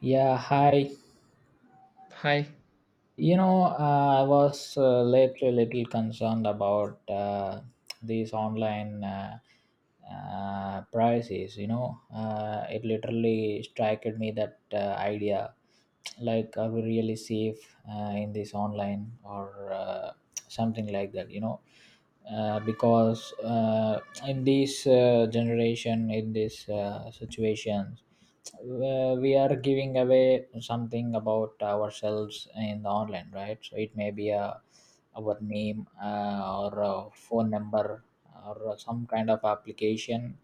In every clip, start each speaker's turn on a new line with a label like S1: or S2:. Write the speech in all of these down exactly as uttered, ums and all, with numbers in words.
S1: Yeah, hi.
S2: Hi.
S1: You know, uh, I was uh, lately a little concerned about uh, these online uh, uh, prices. You know, uh, it literally struck me that uh, idea, like, are we really safe uh, in this online, or uh, something like that? You know, uh, because uh, in this uh, generation, in this uh, situation, uh, we are giving away something about ourselves in the online, right? So it may be a our name, uh, or a phone number, or some kind of application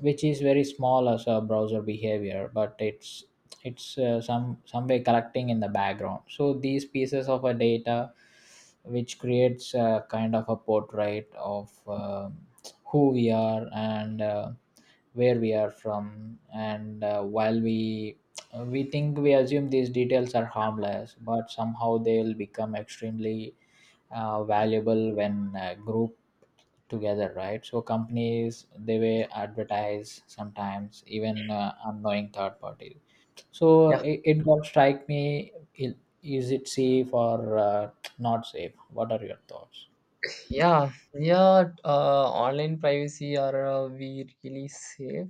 S1: which is very small as a browser behavior, but it's it's uh, some some way collecting in the background. So these pieces of a data which creates a kind of a portrait of um who we are and uh, where we are from, and uh, while we we think, we assume these details are harmless, but somehow they'll become extremely uh, valuable when uh, grouped together, right? So companies, they
S2: Yeah.
S1: will advertise, sometimes even uh, unknowing third parties. So
S2: Yeah.
S1: it, it got strike me, i- is it safe or uh, not safe? What are your thoughts?
S2: Yeah, yeah. Uh, online privacy, are uh, we really safe?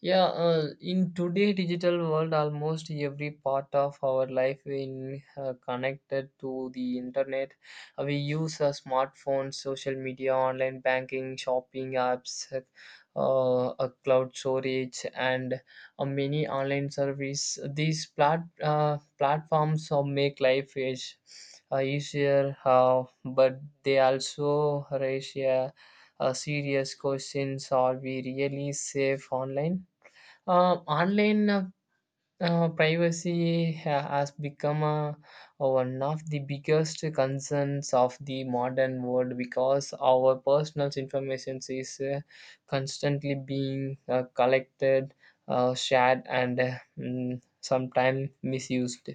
S2: Yeah. Uh, in today digital world, almost every part of our life in uh, connected to the internet. Uh, we use uh, smartphones, social media, online banking, shopping apps, uh, uh, cloud storage, and or many online service. These plat, uh, platforms uh, make life is, uh, easier, uh, but they also raise a, a serious questions: Are we really safe online? Uh, online uh, uh, privacy ha- has become a, a one of the biggest concerns of the modern world because our personal information is uh, constantly being uh, collected, uh, shared, and uh, mm, sometimes misused.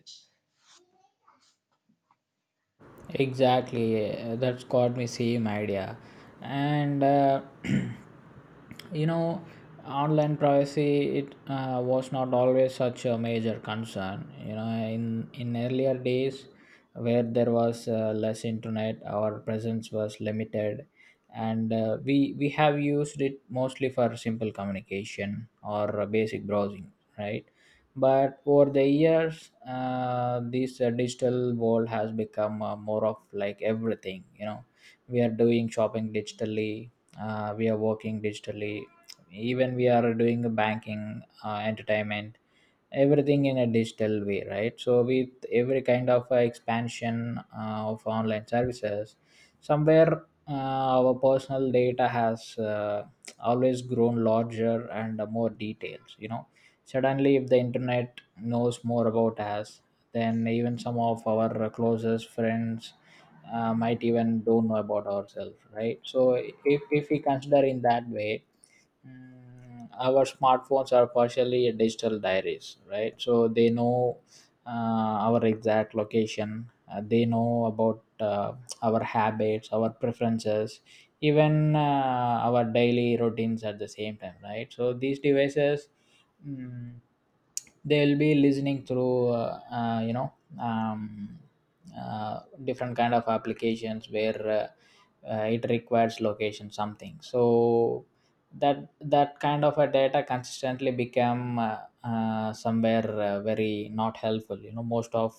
S1: Exactly, uh, that's got me same idea, and uh, you know, online privacy, it uh, was not always such a major concern. You know, in in earlier days, where there was uh, less internet, our presence was limited, and uh, we we have used it mostly for simple communication or uh, basic browsing, right? But over the years, uh, this uh, digital world has become uh, more of like everything, you know. We are doing shopping digitally, uh, we are working digitally, even we are doing banking, uh, entertainment, everything in a digital way, right? So with every kind of uh, expansion uh, of online services, somewhere uh, our personal data has uh, always grown larger, and uh, more details, you know. Suddenly if the internet knows more about us then even some of our closest friends, uh, might even don't know about ourselves, right? So if, if we consider in that way, Mm, our smartphones are partially digital diaries, right? So they know uh, our exact location, uh, they know about uh, our habits, our preferences, even uh, our daily routines at the same time, right? So these devices, mm, they'll be listening through uh, uh, you know um, uh, different kind of applications where uh, uh, it requires location something. So that that kind of a data consistently become uh, uh, somewhere uh, very not helpful, you know. Most of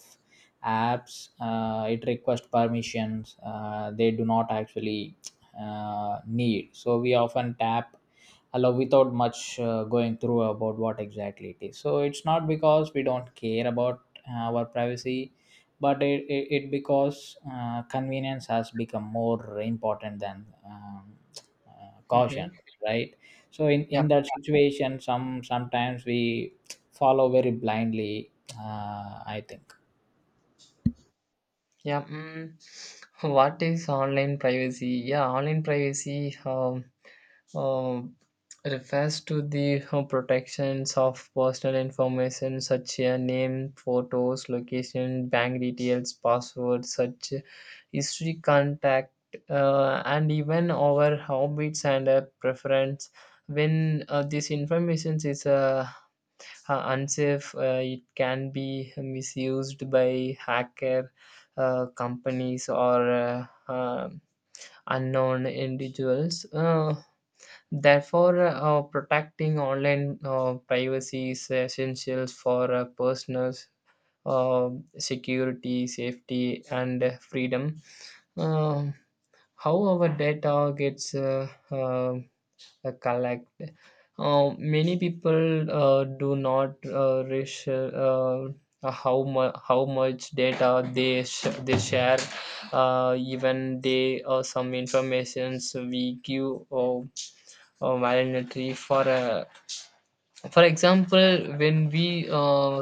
S1: apps, uh, it requests permissions uh, they do not actually uh, need, so we often tap allow without much uh, going through about what exactly it is. So it's not because we don't care about uh, our privacy, but it, it, it because uh, convenience has become more important than um, uh, caution,
S2: Mm-hmm.
S1: right? So in,
S2: Yeah,
S1: in that situation, some sometimes we follow very blindly, uh, I think.
S2: yeah. Mm. What is online privacy? Yeah, online privacy. Um, um, Refers to the uh, protections of personal information such as name, photos, location, bank details, passwords, such history, contact, uh, and even our habits and uh, preference. When uh, this information is uh, uh, unsafe, uh, it can be misused by hacker uh, companies or uh, um unknown individuals. Uh, Therefore, uh, protecting online uh, privacy is essential for uh, personal uh, security, safety, and uh, freedom. Um how our data gets uh, uh, collected. Uh, many people uh, do not uh, reach uh, how, mu- how much data they, sh- they share, uh, even they uh, some informations we give. Uh, uh, mandatory for uh, for example, when we uh,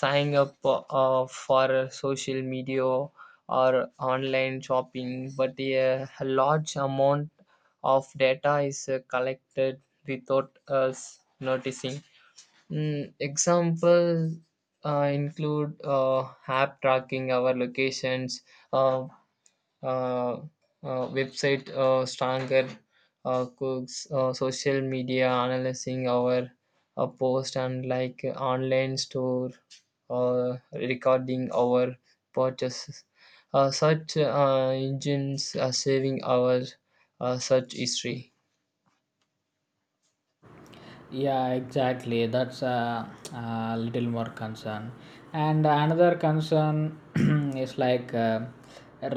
S2: sign up uh, for a social media or online shopping, but a large amount of data is uh, collected without us noticing. Mm, example uh, include uh, app tracking our locations, uh, uh, uh, website uh, stronger uh, cooks, uh, social media analyzing our uh, post and like, uh, online store uh, recording our purchases, uh, such uh, engines are saving our uh, search history.
S1: Yeah, exactly, that's a, a little more concern. And another concern is like uh,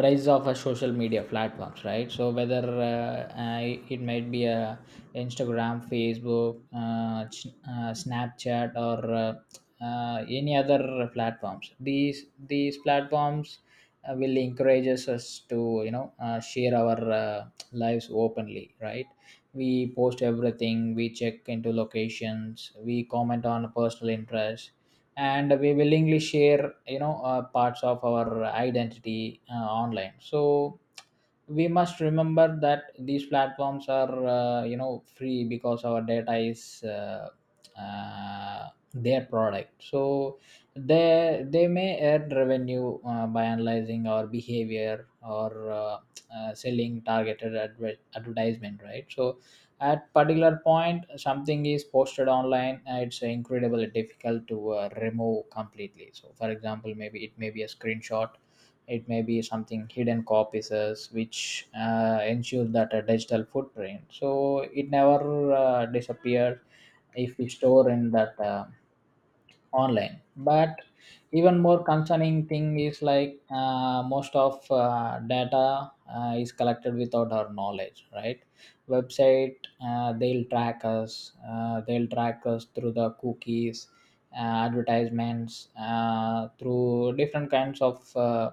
S1: rise of a social media platforms, right? So whether uh, uh, it might be a Instagram, Facebook, uh, ch- uh, Snapchat, or uh, uh, any other platforms, these these platforms uh, will encourage us to, you know, uh, share our uh, lives openly, right? We post everything, we check into locations, we comment on personal interests, and we willingly share, you know, uh, parts of our identity uh, online. So we must remember that these platforms are, uh, you know, free because our data is uh, uh, their product. So they they may earn revenue uh, by analyzing our behavior, or uh, uh, selling targeted adver- advertisement, right? So at particular point something is posted online, uh, it's incredibly difficult to uh, remove completely. So for example, maybe it may be a screenshot, it may be something hidden copies as, which uh, ensure that a digital footprint, so it never uh, disappears if we store in that uh, online. But even more concerning thing is like, uh, most of uh, data uh, is collected without our knowledge, right? Website, uh, they'll track us uh, they'll track us through the cookies, uh, advertisements, uh, through different kinds of uh,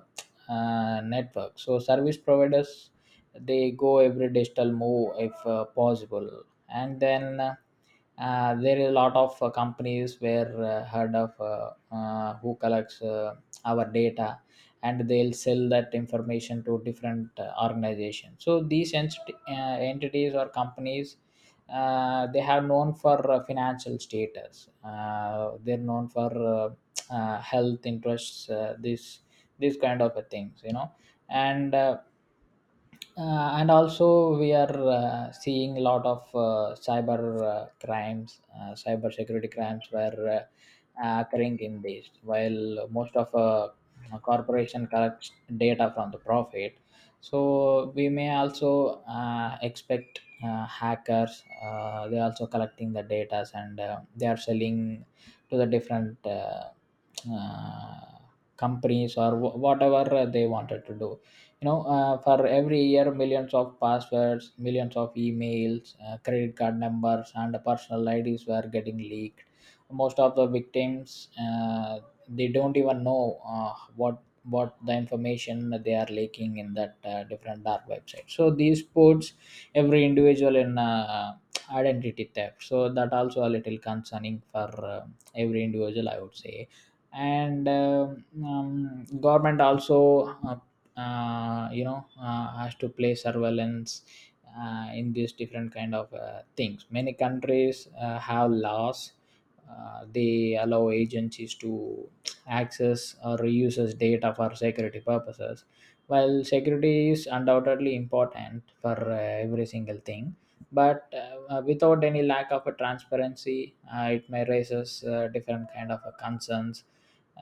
S1: uh, networks. So service providers, they go every digital move if uh, possible. And then uh, uh, there is a lot of uh, companies where uh, heard of uh, uh, who collects uh, our data, and they'll sell that information to different uh, organizations. So these ent- uh, entities or companies, uh, they have known for uh, financial status, uh, they're known for uh, uh, health interests, uh, this this kind of a things, you know. And uh, uh, and also we are uh, seeing a lot of uh, cyber uh, crimes, uh, cyber security crimes were uh, uh, occurring in this. While most of uh, corporation collects data from the profit, so we may also uh, expect uh, hackers, uh, they also collecting the data, and uh, they are selling to the different uh, uh, companies, or wh- whatever they wanted to do, you know. Uh, for every year, millions of passwords, millions of emails, uh, credit card numbers and personal IDs were getting leaked. Most of the victims, uh, they don't even know uh, what what the information they are leaking in that, uh, different dark website. So these puts every individual in uh, identity theft, so that also a little concerning for uh, every individual, I would say. And um, um, government also, uh, uh, you know uh, has to play surveillance uh, in these different kind of uh, things. Many countries uh, have laws, uh, they allow agencies to access or reuses data for security purposes. While security is undoubtedly important for uh, every single thing, but uh, uh, without any lack of a transparency, uh, it may raises uh, different kind of uh, concerns.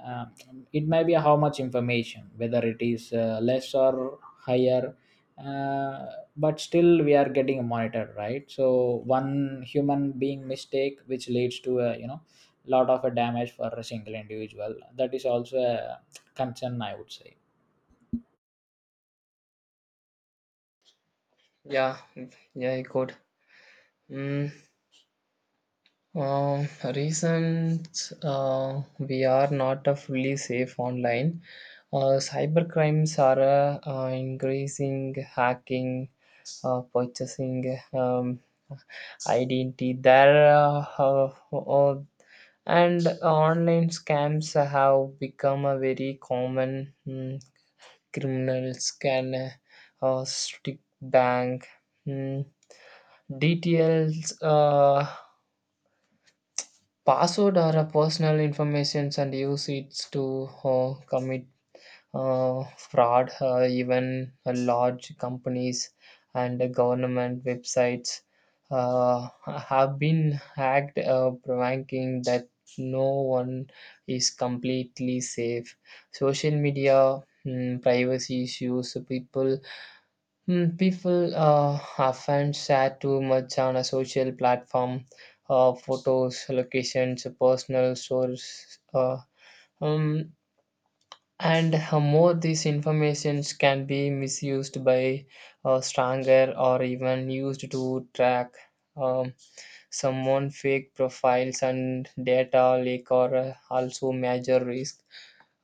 S1: um, it may be how much information, whether it is uh, less or higher, uh, but still we are getting monitored, right? So one human being mistake, which leads to a, you know, lot of a damage for a single individual, that is also a concern, I would say.
S2: Yeah, yeah, I could. Mm. Um, recent, uh, we are not uh, fully safe online. Uh, cybercrimes are uh, uh, increasing, hacking, uh, purchasing um, identity. There. Uh, uh, uh, and online scams have become a very common. Mm, criminals can uh, uh, stick bank mm, details. Uh, password or a personal informations and use it to uh, commit uh, fraud. Uh, even uh, large companies and uh, government websites uh, have been hacked, uh, provoking that no one is completely safe. Social media mm, privacy issues. People Mm, people uh, often share too much on a social platform, uh, photos, locations, personal stories, uh, um, and uh, more these informations can be misused by uh, stronger or even used to track. Um, Someone fake profiles and data leak are uh, also major risk.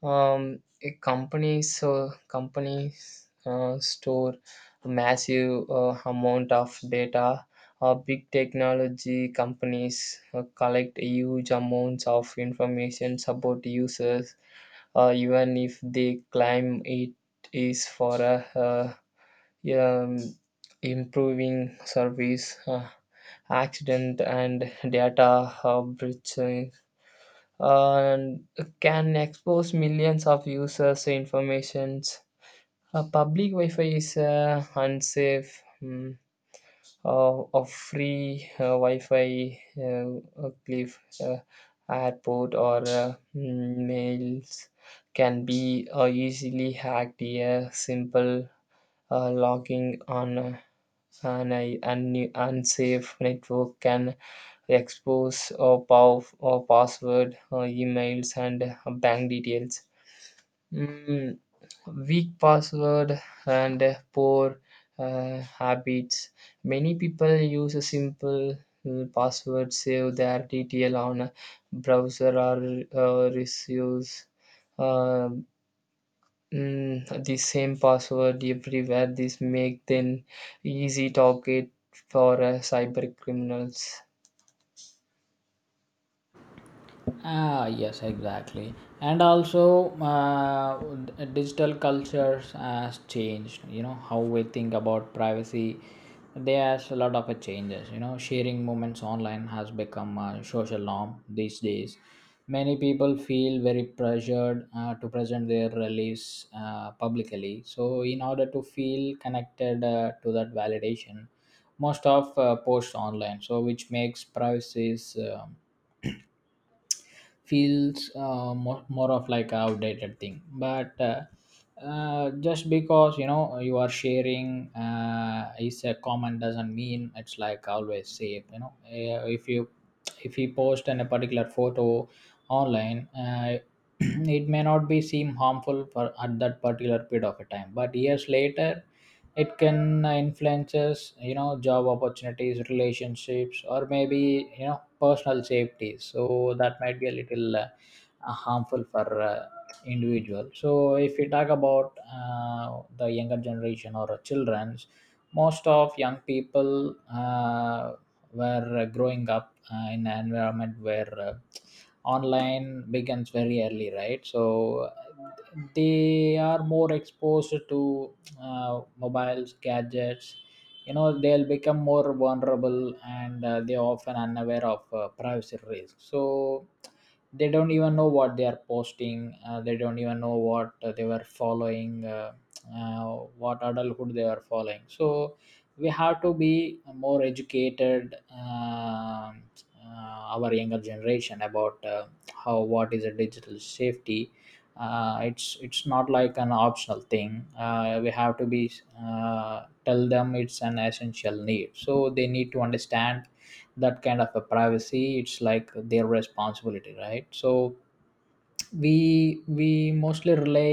S2: um, A companies uh, companies uh, store a massive uh, amount of data. Uh, big technology companies uh, collect huge amounts of information about users, uh, even if they claim it is for a, uh um, improving service, uh, accident, and data uh, breaching, and can expose millions of users' informations. Uh, public Wi-Fi is uh, unsafe. Mm, uh, of free uh, Wi-Fi uh, cliff uh, airport or uh, mm, mails can be uh, easily hacked. A simple uh, logging on uh, an un- unsafe network can expose uh, pow- uh, password, uh, emails, and uh, bank details. Mm, Weak password and uh, poor uh, habits. Many people use a simple uh, password, save their detail on a browser or uh, receives Mm, the same password everywhere. This make them easy target for uh, cyber criminals.
S1: Ah, yes, exactly. And also, uh, d- digital cultures has changed, you know, how we think about privacy. There's a lot of uh, changes. You know, sharing moments online has become a social norm these days. Many people feel very pressured uh, to present their release uh, publicly. So, in order to feel connected uh, to that validation, most of uh, posts online. So, which makes privacies um feels uh, more, more of like a outdated thing, but uh, uh, just because, you know, you are sharing uh, is a common doesn't mean it's like always safe, you know. Uh, if you, if you post in a particular photo online, uh, it may not be seem harmful for at that particular period of a time, but years later it can influences, you know, job opportunities, relationships, or maybe, you know, personal safety. So that might be a little uh, harmful for uh, individual. So if we talk about uh, the younger generation or children's, most of young people uh, were uh, growing up uh, in an environment where uh, online begins very early, right? So uh, they are more exposed to uh, mobiles, gadgets, you know, they'll become more vulnerable, and uh, they're often unaware of uh, privacy risks. So they don't even know what they are posting, uh, they don't even know what uh, they were following, uh, uh, what adulthood they are following. So we have to be more educated, um uh, our younger generation about uh, how, what is a digital safety. Uh, it's it's not like an optional thing, uh, we have to be uh, tell them it's an essential need. So they need to understand that kind of a privacy, it's like their responsibility, right? So we we mostly rely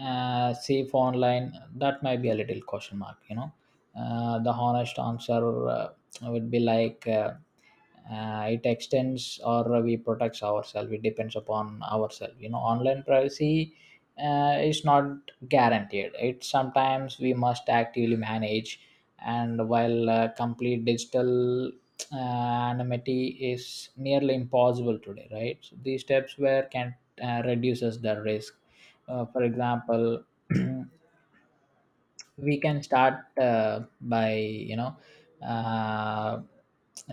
S1: uh, safe online, that might be a little question mark, you know. Uh, the honest answer uh, would be like uh, uh, it extends or we protects ourselves, it depends upon ourselves, you know. Online privacy uh, is not guaranteed, it sometimes we must actively manage. And while uh, complete digital uh, anonymity is nearly impossible today, right? So these steps where can uh, reduces the risk. Uh, for example, we can start uh, by you know uh,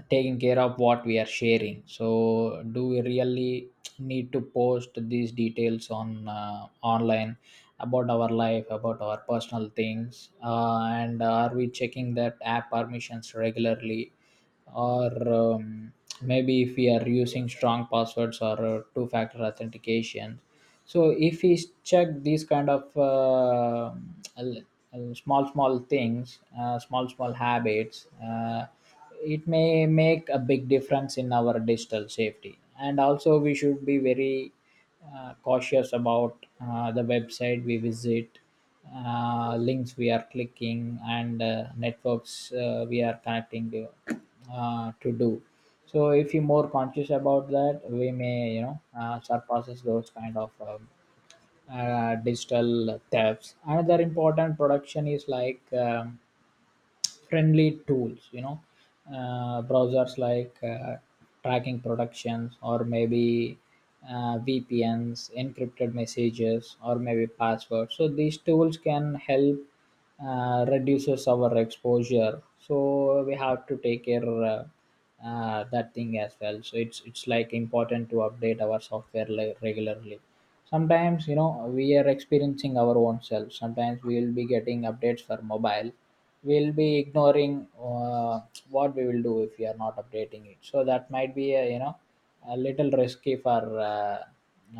S1: taking care of what we are sharing. So do we really need to post these details on uh, online about our life, about our personal things, uh, and are we checking that app permissions regularly, or um, maybe if we are using strong passwords or uh, two factor authentication. So if we check these kind of uh, l- l- small small things, uh, small small habits, uh, it may make a big difference in our digital safety. And also we should be very uh, cautious about uh, the website we visit, uh, links we are clicking, and uh, Networks uh, we are connecting uh, to do. So if you're more conscious about that, we may you know uh, surpasses those kind of um, uh, digital thefts. Another important production is like. Um, friendly tools, you know uh, browsers like, uh, tracking productions, or maybe uh, vpns, encrypted messages, or maybe passwords. So these tools can help uh, reduces our exposure, so we have to take care uh, uh, that thing as well. So it's it's like important to update our software like regularly. Sometimes you know we are experiencing our own self, sometimes we will be getting updates for mobile. We'll be ignoring, uh, what we will do if we are not updating it, so that might be a, you know, a little risky for uh,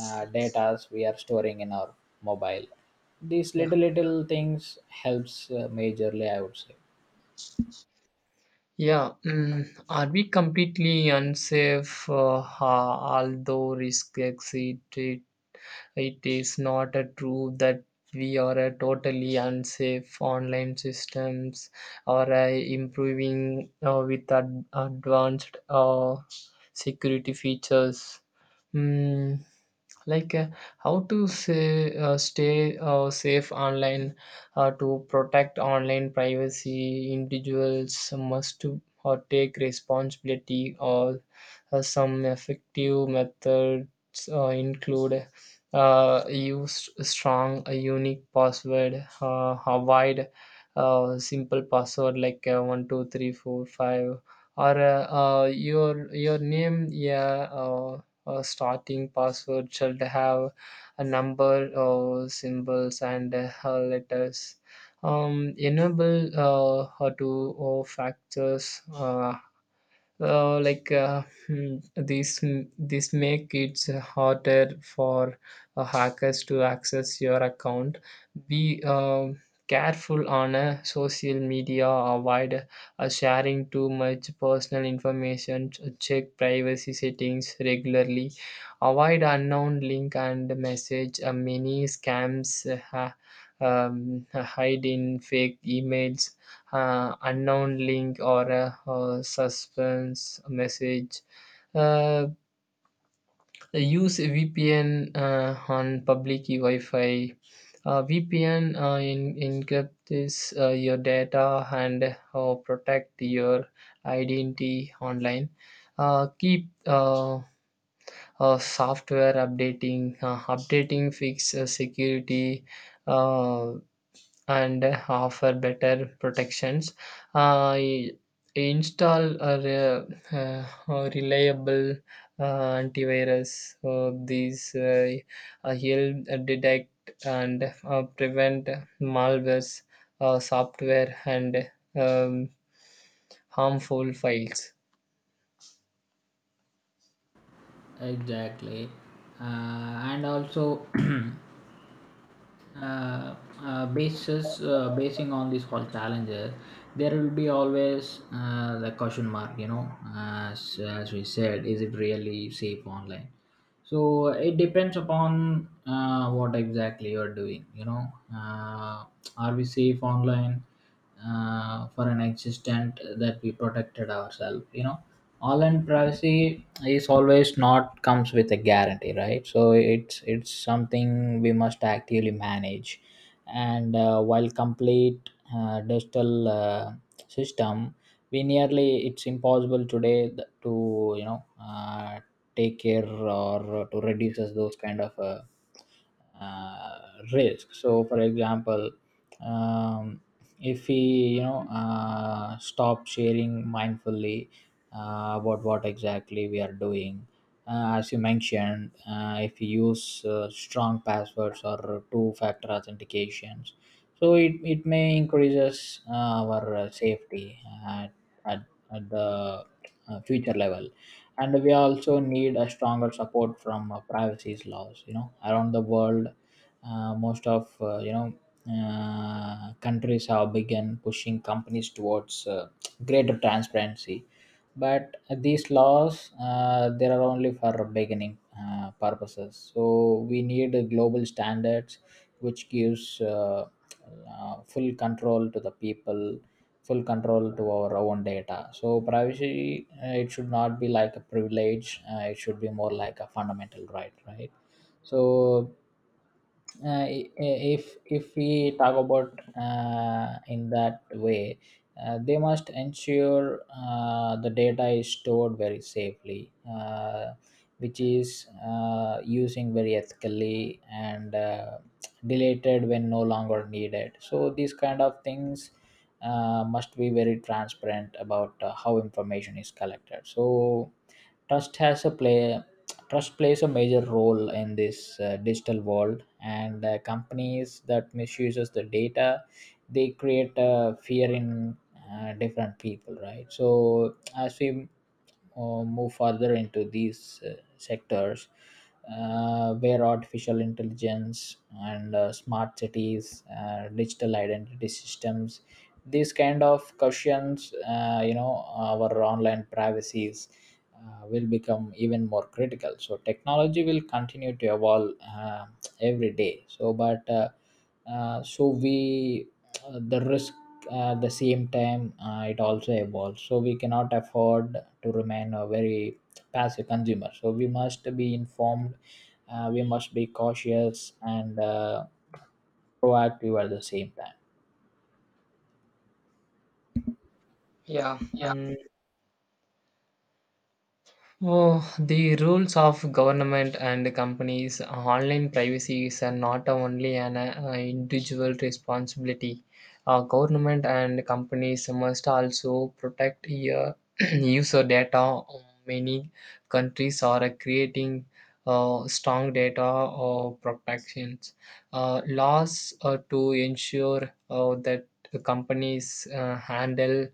S1: uh, data we are storing in our mobile. These
S2: Yeah,
S1: little little things helps uh, majorly, I would say.
S2: yeah. Mm, are we completely unsafe? Uh, ha- although risk exit, it, it is not a true that we are a totally unsafe online systems or uh, improving uh, with ad- advanced uh, security features. Mm, like, uh, how to say, uh, stay uh, safe online uh, to protect online privacy individuals must to uh, take responsibility or uh, some effective methods uh, include uh, use strong a unique password, uh, avoid uh, simple password like uh, one two three four or uh, uh, your your name, yeah, uh, uh, starting password should have a number, uh, symbols and uh, letters. Um, enable uh, uh, to uh, factors, uh, uh, like, uh, hmm, this this make it harder for uh, hackers to access your account. Be um careful on uh, social media. Avoid uh, sharing too much personal information. Check privacy settings regularly. Avoid unknown link and message. Uh, many scams uh, ha- um, hide in fake emails, uh, unknown link or a, uh suspense message. Uh, Use V P N uh, on public Wi-Fi. Uh, V P N uh, in, encrypts uh, your data and uh, protect your identity online. Uh, keep uh, uh, software updating. Uh, updating fix uh, security uh, and uh, offer better protections. Uh, i- Install a re- uh, a reliable uh, antivirus. So these uh, uh, help detect and uh, prevent malwares, uh, software, and um, harmful files.
S1: Exactly. Uh, and also, uh, uh, basis uh, basing on these whole challenges, there will be always uh, the question mark. You know, as as we said, is it really safe online? So it depends upon uh, what exactly you're doing. You know, uh, are we safe online uh, for an existent that we protected ourselves? You know, online privacy is always not comes with a guarantee, right? So it's it's something we must actively manage. And uh, while complete uh, digital uh, system, we nearly it's impossible today th- to, you know, uh, take care or to reduce us those kind of uh, uh, risk. So for example, um, if we, you know uh, stop sharing mindfully uh, about what exactly we are doing. Uh, as you mentioned, uh, if you use uh, strong passwords or two-factor authentications, so it, it may increases uh, our uh, safety at, at, at the uh, future level. And we also need a stronger support from uh, privacy laws, you know, around the world. Uh, most of, uh, you know, uh, countries have begun pushing companies towards uh, greater transparency, but these laws, uh, they are only for beginning uh, purposes. So we need global standards which gives uh, uh, full control to the people, full control to our own data. So privacy, uh, it should not be like a privilege, uh, it should be more like a fundamental right, right? So uh, i- if if we talk about uh, in that way, uh, they must ensure uh, the data is stored very safely, uh, which is uh, using very ethically, and uh, deleted when no longer needed. So these kind of things uh, must be very transparent about uh, how information is collected. So trust has a play trust plays a major role in this uh, digital world, and uh, companies that misuses the data, they create uh, fear in uh, different people, right? So as we or move further into these uh, sectors uh, where artificial intelligence and uh, smart cities, uh, digital identity systems, these kind of questions, uh, you know, our online privacies uh, will become even more critical. So technology will continue to evolve uh, every day. So, but uh, uh, so we uh, the risk at the same time, uh, it also evolves, so we cannot afford to remain a very passive consumer. So we must be informed, uh, we must be cautious, and uh, proactive at the same time.
S2: Yeah. Mm, Oh, the rules of government and companies: online privacy is uh, not only an uh, individual responsibility. Uh, government and companies must also protect your user data. Many countries are creating uh, strong data uh, protections uh, laws uh, to ensure uh, that the companies uh, handle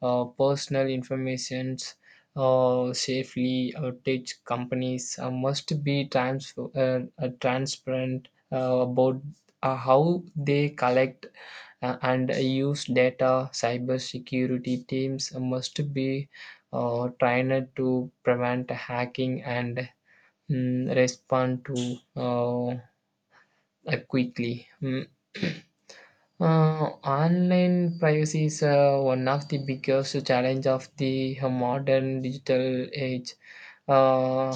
S2: uh, personal informations uh, safely. Uh, tech companies uh, must be trans- uh, uh, transparent uh, about uh, how they collect uh, and use data. Cybersecurity teams must be uh, trained to prevent hacking and mm, respond to uh, uh, quickly. Mm. Uh, online privacy is uh, one of the biggest challenge of the modern digital age. Uh,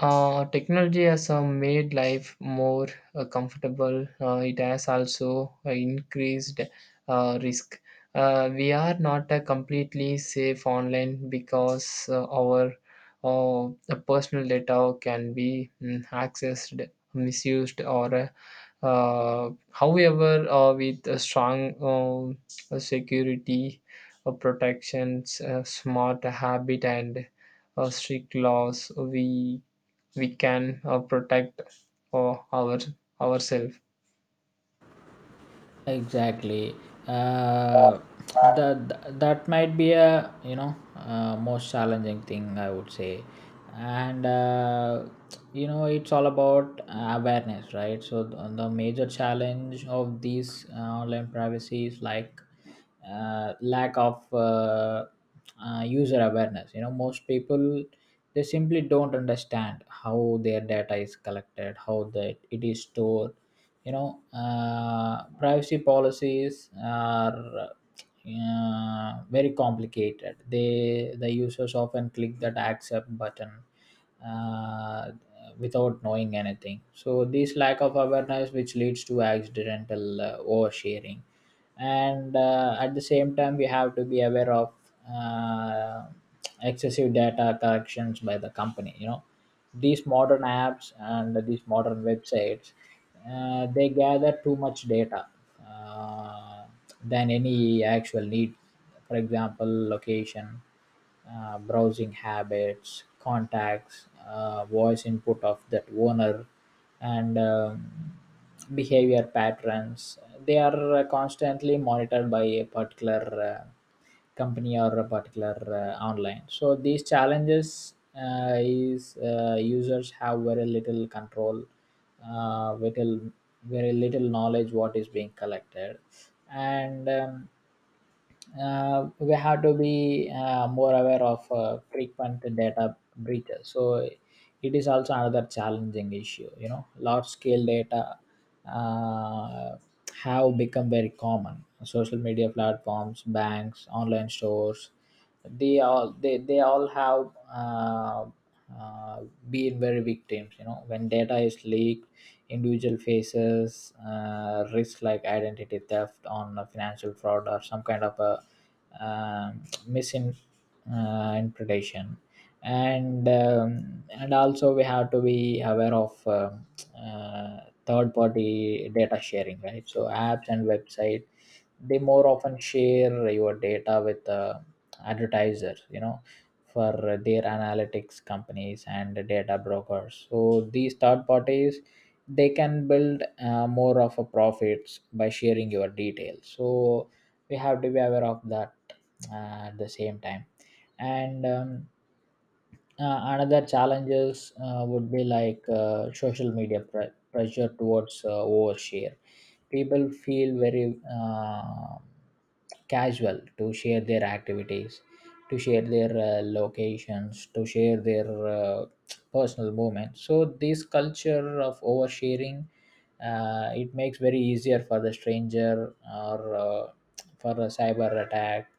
S2: uh, Technology has uh, made life more uh, comfortable. Uh, it has also uh, increased uh, risk. Uh, we are not uh, completely safe online because uh, our uh, personal data can be mm, accessed, misused, or uh, uh, however, uh, with a strong um, uh, security uh, protections, uh, smart habit, and uh, strict laws, we we can uh, protect for our ourselves.
S1: Exactly. uh, that that might be a, you know, uh, most challenging thing, I would say. And uh, you know, it's all about awareness, right? So th- the major challenge of these uh, online privacy is like uh, lack of uh, uh, user awareness. You know, most people, they simply don't understand how their data is collected, how that it is stored. You know, uh, privacy policies are uh, very complicated, they the users often click that accept button, uh, without knowing anything. So this lack of awareness which leads to accidental uh, oversharing. And uh, at the same time, we have to be aware of uh, excessive data collections by the company. You know, these modern apps and these modern websites, uh, they gather too much data uh, than any actual need. For example, location, uh, browsing habits, contacts, uh, voice input of that owner, and um, behavior patterns, they are uh, constantly monitored by a particular uh, company or a particular uh, online. So these challenges, uh, is uh, users have very little control, uh, little very little knowledge what is being collected. And um, uh, we have to be uh, more aware of uh, frequent data breaches. So it is also another challenging issue. You know, large scale data uh, have become very common. Social media platforms, banks, online stores, they all they they all have uh, uh, been very victims. You know, when data is leaked, individual faces uh, risk like identity theft on a financial fraud or some kind of a um, misinterpretation. And um, and also we have to be aware of um uh, third party data sharing, right? So apps and website, they more often share your data with uh, advertisers, you know, for their analytics companies and data brokers. So these third parties, they can build uh, more of a profits by sharing your details. So we have to be aware of that uh, at the same time. And um, uh, another challenges uh, would be like uh, social media pre- pressure towards uh, overshare. People feel very uh, casual to share their activities, to share their uh, locations, to share their uh, personal moments. So this culture of oversharing, uh, it makes very easier for the stranger or uh, for a cyber attack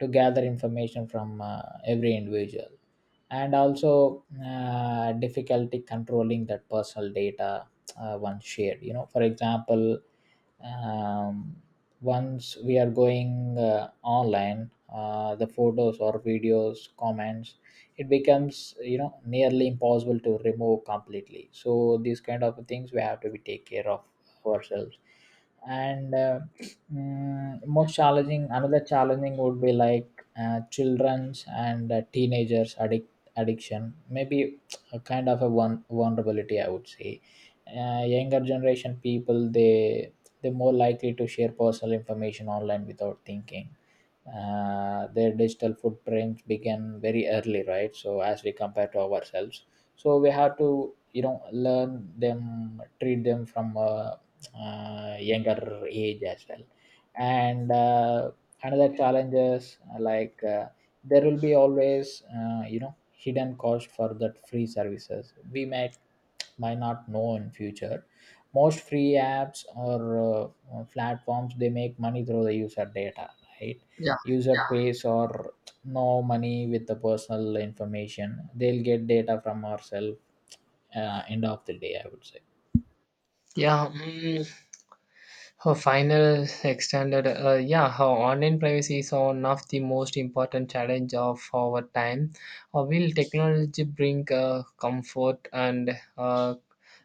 S1: to gather information from uh, every individual. And also uh, difficulty controlling that personal data uh, once shared. You know, for example, um, once we are going uh, online, uh, the photos or videos comments, it becomes, you know, nearly impossible to remove completely. So these kind of things we have to be take care of ourselves. And uh, mm, most challenging, another challenging would be like uh, children's and uh, teenagers addiction. Addiction maybe a kind of a one vulnerability, I would say. Uh, younger generation people, they they're more likely to share personal information online without thinking. Uh, their digital footprints begin very early, right? So as we compare to ourselves, so we have to, you know, learn them, treat them from a, uh younger age as well. And uh, another challenge is uh, like uh, there will be always, uh, you know, hidden cost for that free services we might might not know in future. Most free apps or uh, uh, platforms, they make money through the user data, right?
S2: Yeah.
S1: User, yeah, pays or no money with the personal information, they'll get data from ourselves uh, end of the day, I would say.
S2: Yeah. Mm, her final extended, uh, yeah, her online privacy is one of the most important challenge of our time. Uh, will technology bring uh, comfort and uh,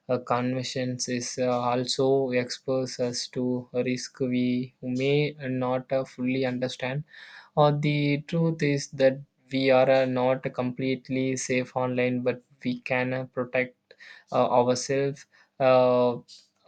S2: uh, convenience? Is uh, also expose us to a risk we may not uh, fully understand. Or the truth is that we are uh, not completely safe online, but we can uh, protect uh, ourselves uh,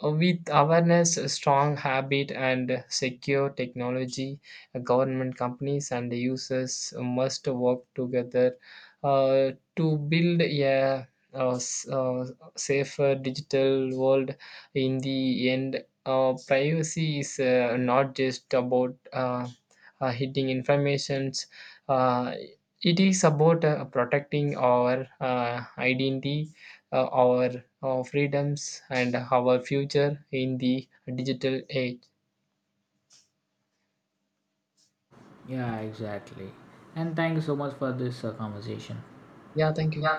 S2: with awareness, a strong habit, and secure technology. Uh, Government companies and users must work together uh, to build a uh, s- uh, safer digital world. In the end, uh, privacy is uh, not just about uh, uh, hiding informations. Uh, it is about uh, protecting our uh, identity, uh, our, our freedoms, and our future in the digital age.
S1: Yeah, exactly. And thank you so much for this uh, conversation.
S2: Yeah, thank you.